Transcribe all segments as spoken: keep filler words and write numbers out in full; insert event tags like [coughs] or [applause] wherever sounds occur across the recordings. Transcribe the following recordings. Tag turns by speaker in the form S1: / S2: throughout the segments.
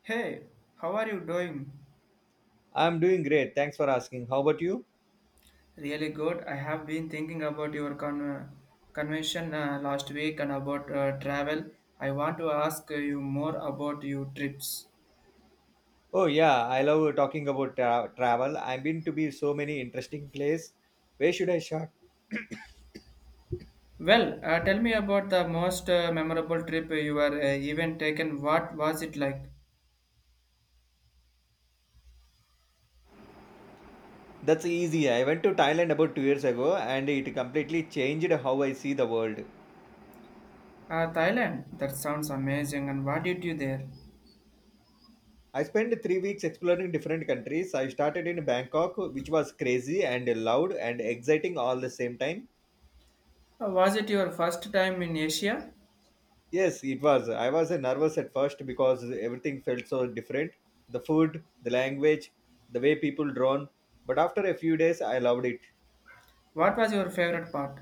S1: Hey, how are you doing?
S2: I'm doing great. Thanks for asking. How about you?
S1: Really good. I have been thinking about your con- uh, convention uh, last week and about uh, travel. I want to ask you more about your trips.
S2: Oh yeah, I love talking about tra- travel. I've been to be so many interesting place. Where should I start? [coughs]
S1: Well, uh, tell me about the most uh, memorable trip you were uh, even taken. What was it like?
S2: That's easy. I went to Thailand about two years ago and it completely changed how I see the world.
S1: Uh, Thailand. That sounds amazing. And what did you there?
S2: I spent three weeks exploring different countries. I started in Bangkok, which was crazy and loud and exciting all the same time.
S1: Uh, was it your first time in Asia?
S2: Yes, it was. I was uh, nervous at first because everything felt so different, the food, the language, the way people drawn. But after a few days, I loved it.
S1: What was your favorite part?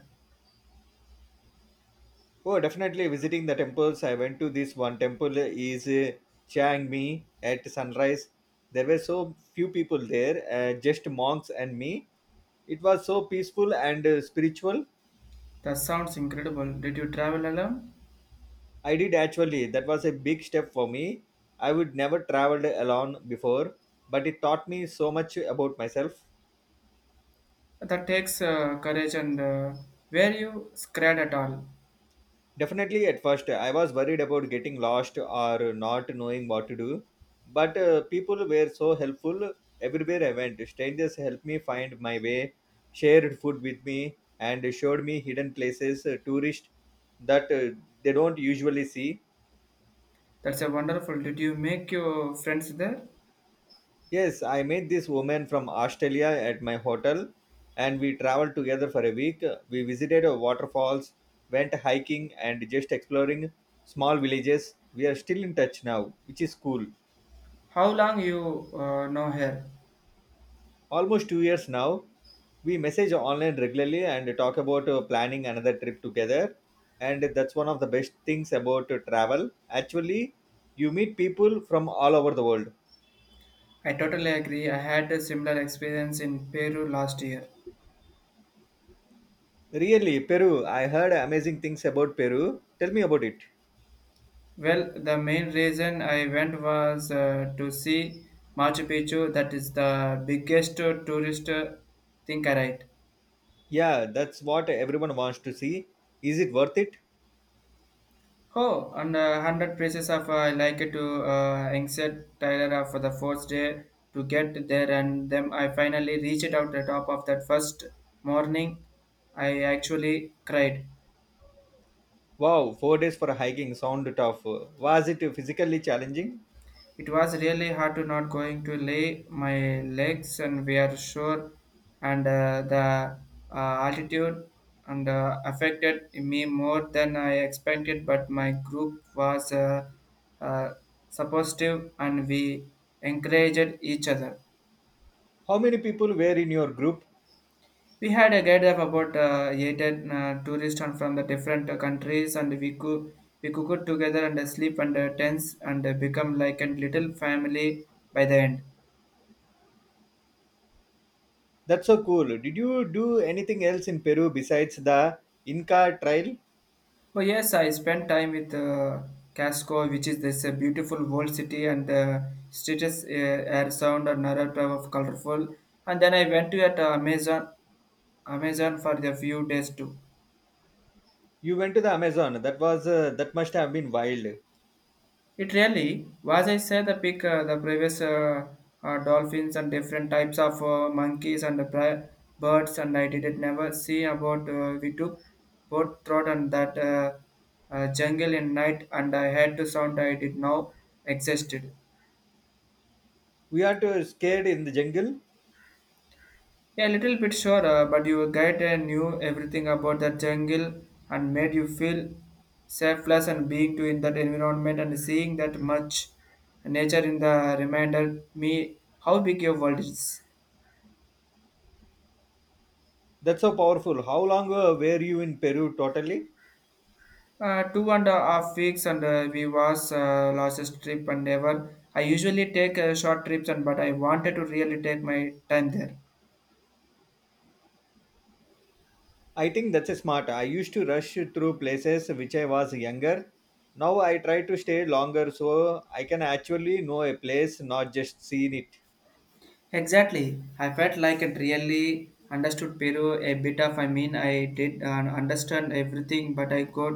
S2: Oh, definitely visiting the temples. I went to this one temple, uh, is uh, Chiang Mi at sunrise. There were so few people there, uh, just monks and me. It was so peaceful and uh, spiritual.
S1: That sounds incredible. Did you travel alone?
S2: I did actually. That was a big step for me. I would never traveled alone before, but it taught me so much about myself.
S1: That takes uh, courage and uh, were you scared at all?
S2: Definitely, at first, I was worried about getting lost or not knowing what to do. But uh, people were so helpful everywhere I went. Strangers helped me find my way, shared food with me, and showed me hidden places, uh, tourists that uh, they don't usually see.
S1: That's a wonderful. Did you make your friends there?
S2: Yes, I met this woman from Australia at my hotel, and we traveled together for a week. We visited uh, waterfalls, went hiking, and just exploring small villages. We are still in touch now, which is cool.
S1: How long you uh, know her?
S2: Almost two years now. We message online regularly and talk about uh, planning another trip together. And that's one of the best things about uh, travel. Actually, you meet people from all over the world.
S1: I totally agree. I had a similar experience in Peru last year.
S2: Really, Peru. I heard amazing things about Peru. Tell me about it.
S1: Well, the main reason I went was uh, to see Machu Picchu. That is the biggest tourist uh, thing, right?
S2: Yeah, that's what everyone wants to see. Is it worth it?
S1: Oh, and uh, hundred places of uh, like to uh, exit Tyler uh, for the fourth day to get there, and then I finally reached out the top of that first morning. I actually cried.
S2: Wow, four days for hiking sound tough. Was it physically challenging?
S1: It was really hard to not going to lay my legs and we are sure and uh, the uh, altitude and uh, affected me more than I expected, but my group was uh, uh, supportive and we encouraged each other.
S2: How many people were in your group?
S1: We had a guide of about uh, eight uh, tourists and from the different uh, countries, and we could we cooked together and uh, sleep under tents and uh, become like a little family by the end.
S2: That's so cool. Did you do anything else in Peru besides the Inca Trail?
S1: Oh yes, I spent time with uh, Casco, which is this uh, beautiful old city and uh, streets uh, air sound and narrative of colorful. And then I went to at uh, Amazon, Amazon for the few days too.
S2: You went to the Amazon. That was uh, that must have been wild.
S1: It really was. I said the pic, uh, the previous uh, uh, dolphins and different types of uh, monkeys and the pri- birds, and I did never see about uh, we took boat throat and that uh, uh, jungle in night, and I had to sound I did now existed.
S2: We are too scared in the jungle.
S1: Yeah, a little bit sure, uh, but your guide uh, knew everything about the jungle and made you feel selfless and being to in that environment, and seeing that much nature in the reminded me how big your world is.
S2: That's so powerful. How long uh, were you in Peru totally?
S1: Uh, two and a half weeks and uh, we was uh, last trip and never. I usually take uh, short trips and but I wanted to really take my time there.
S2: I think that's a smart. I used to rush through places which I was younger. Now I try to stay longer so I can actually know a place, not just seen it.
S1: Exactly. I felt like it really understood Peru a bit of. I mean, I did uh, understand everything, but I got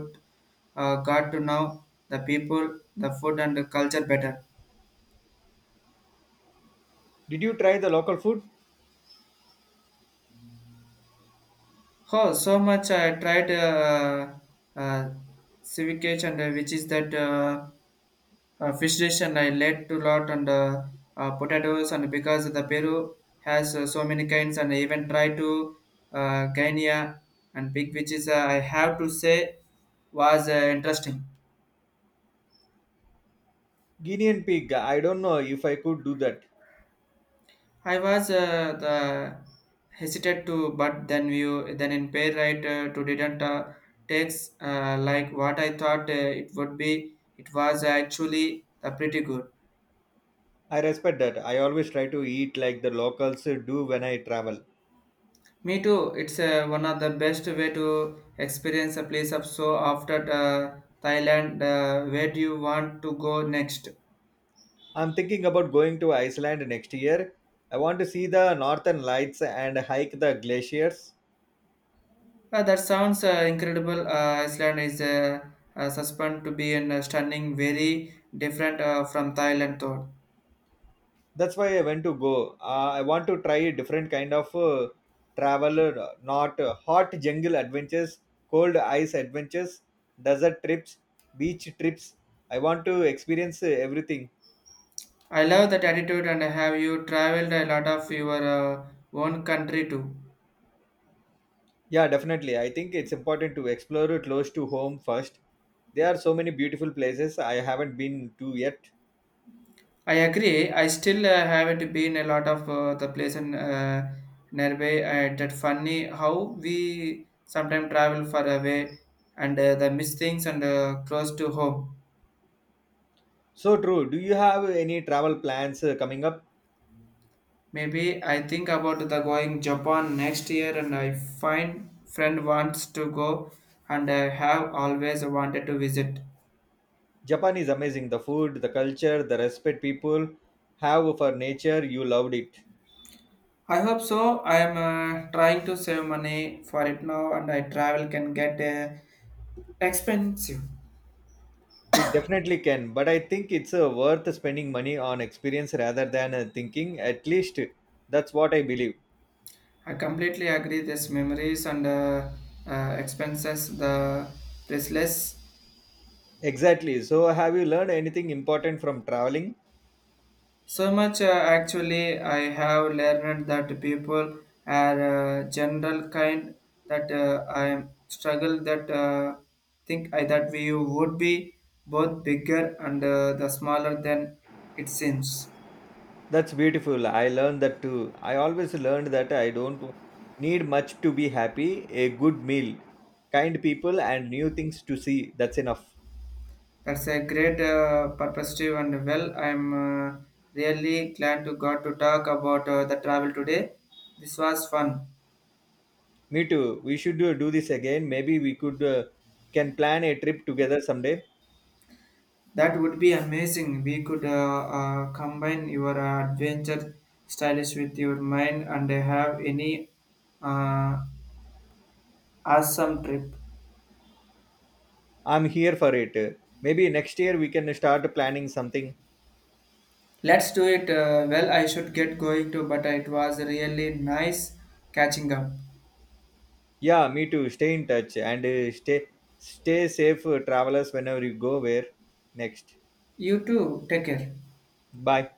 S1: uh, got to know the people, the food, and the culture better.
S2: Did you try the local food?
S1: Oh, so much I tried uh, uh, civic and uh, which is that. Uh, uh, fish dish and I led to lot and uh, uh, potatoes and because the Peru has uh, so many kinds, and I even try to uh, Guinea and pig, which is uh, I have to say was uh, interesting.
S2: Guinean pig. I don't know if I could do that.
S1: I was uh, the hesitant to but then we then in pair right uh, to didn't uh, takes uh, like what I thought uh, it would be. It was actually uh, pretty good.
S2: I respect that. I always try to eat like the locals do when I travel.
S1: Me too. It's uh, one of the best way to experience a place of so after uh, Thailand. Uh, where do you want to go next?
S2: I'm thinking about going to Iceland next year. I want to see the northern lights and hike the glaciers.
S1: Uh, that sounds uh, incredible. Uh, Iceland is uh, uh, suspend to be in a stunning, very different uh, from Thailand. Thought
S2: That's why I went to go. Uh, I want to try a different kind of uh, travel, uh, not uh, hot jungle adventures, cold ice adventures, desert trips, beach trips. I want to experience uh, everything.
S1: I love that attitude, and have you traveled a lot of your uh, own country too?
S2: Yeah, definitely. I think it's important to explore it close to home first. There are so many beautiful places I haven't been to yet.
S1: I agree. I still uh, haven't been a lot of uh, the place in uh, nearby. Uh, that funny how we sometimes travel far away and uh, the miss things and uh, close to home.
S2: So true. Do you have any travel plans uh, coming up?
S1: Maybe I think about the going Japan next year, and I find friend wants to go, and I have always wanted to visit.
S2: Japan is amazing. The food, the culture, the respect people have for nature, you loved it.
S1: I hope so. I am uh, trying to save money for it now, and I travel can get uh, expensive.
S2: It definitely can, but I think it's uh, worth spending money on experience rather than uh, thinking. At least that's what I believe.
S1: I completely agree. This memories and uh, uh, expenses, the priceless.
S2: Exactly. So, have you learned anything important from traveling?
S1: So much uh, actually, I have learned that people are uh, general kind that uh, I struggle that uh, think I, that we would be both bigger and uh, the smaller than it seems.
S2: That's beautiful. I learned that too. I always learned that I don't need much to be happy. A good meal, kind people, and new things to see. That's enough.
S1: That's a great uh, perspective and well, I'm uh, really glad to got to talk about uh, the travel today. This was fun.
S2: Me too. We should uh, do this again. Maybe we could uh, can plan a trip together someday.
S1: That would be amazing. We could uh, uh, combine your uh, adventure stylish with your mind and have any uh, awesome trip.
S2: I'm here for it. Maybe next year we can start planning something.
S1: Let's do it. Uh, well, I should get going too, but it was really nice catching up.
S2: Yeah, me too. Stay in touch and uh, stay stay safe, uh, travelers. Whenever you go where next.
S1: You too. Take care.
S2: Bye.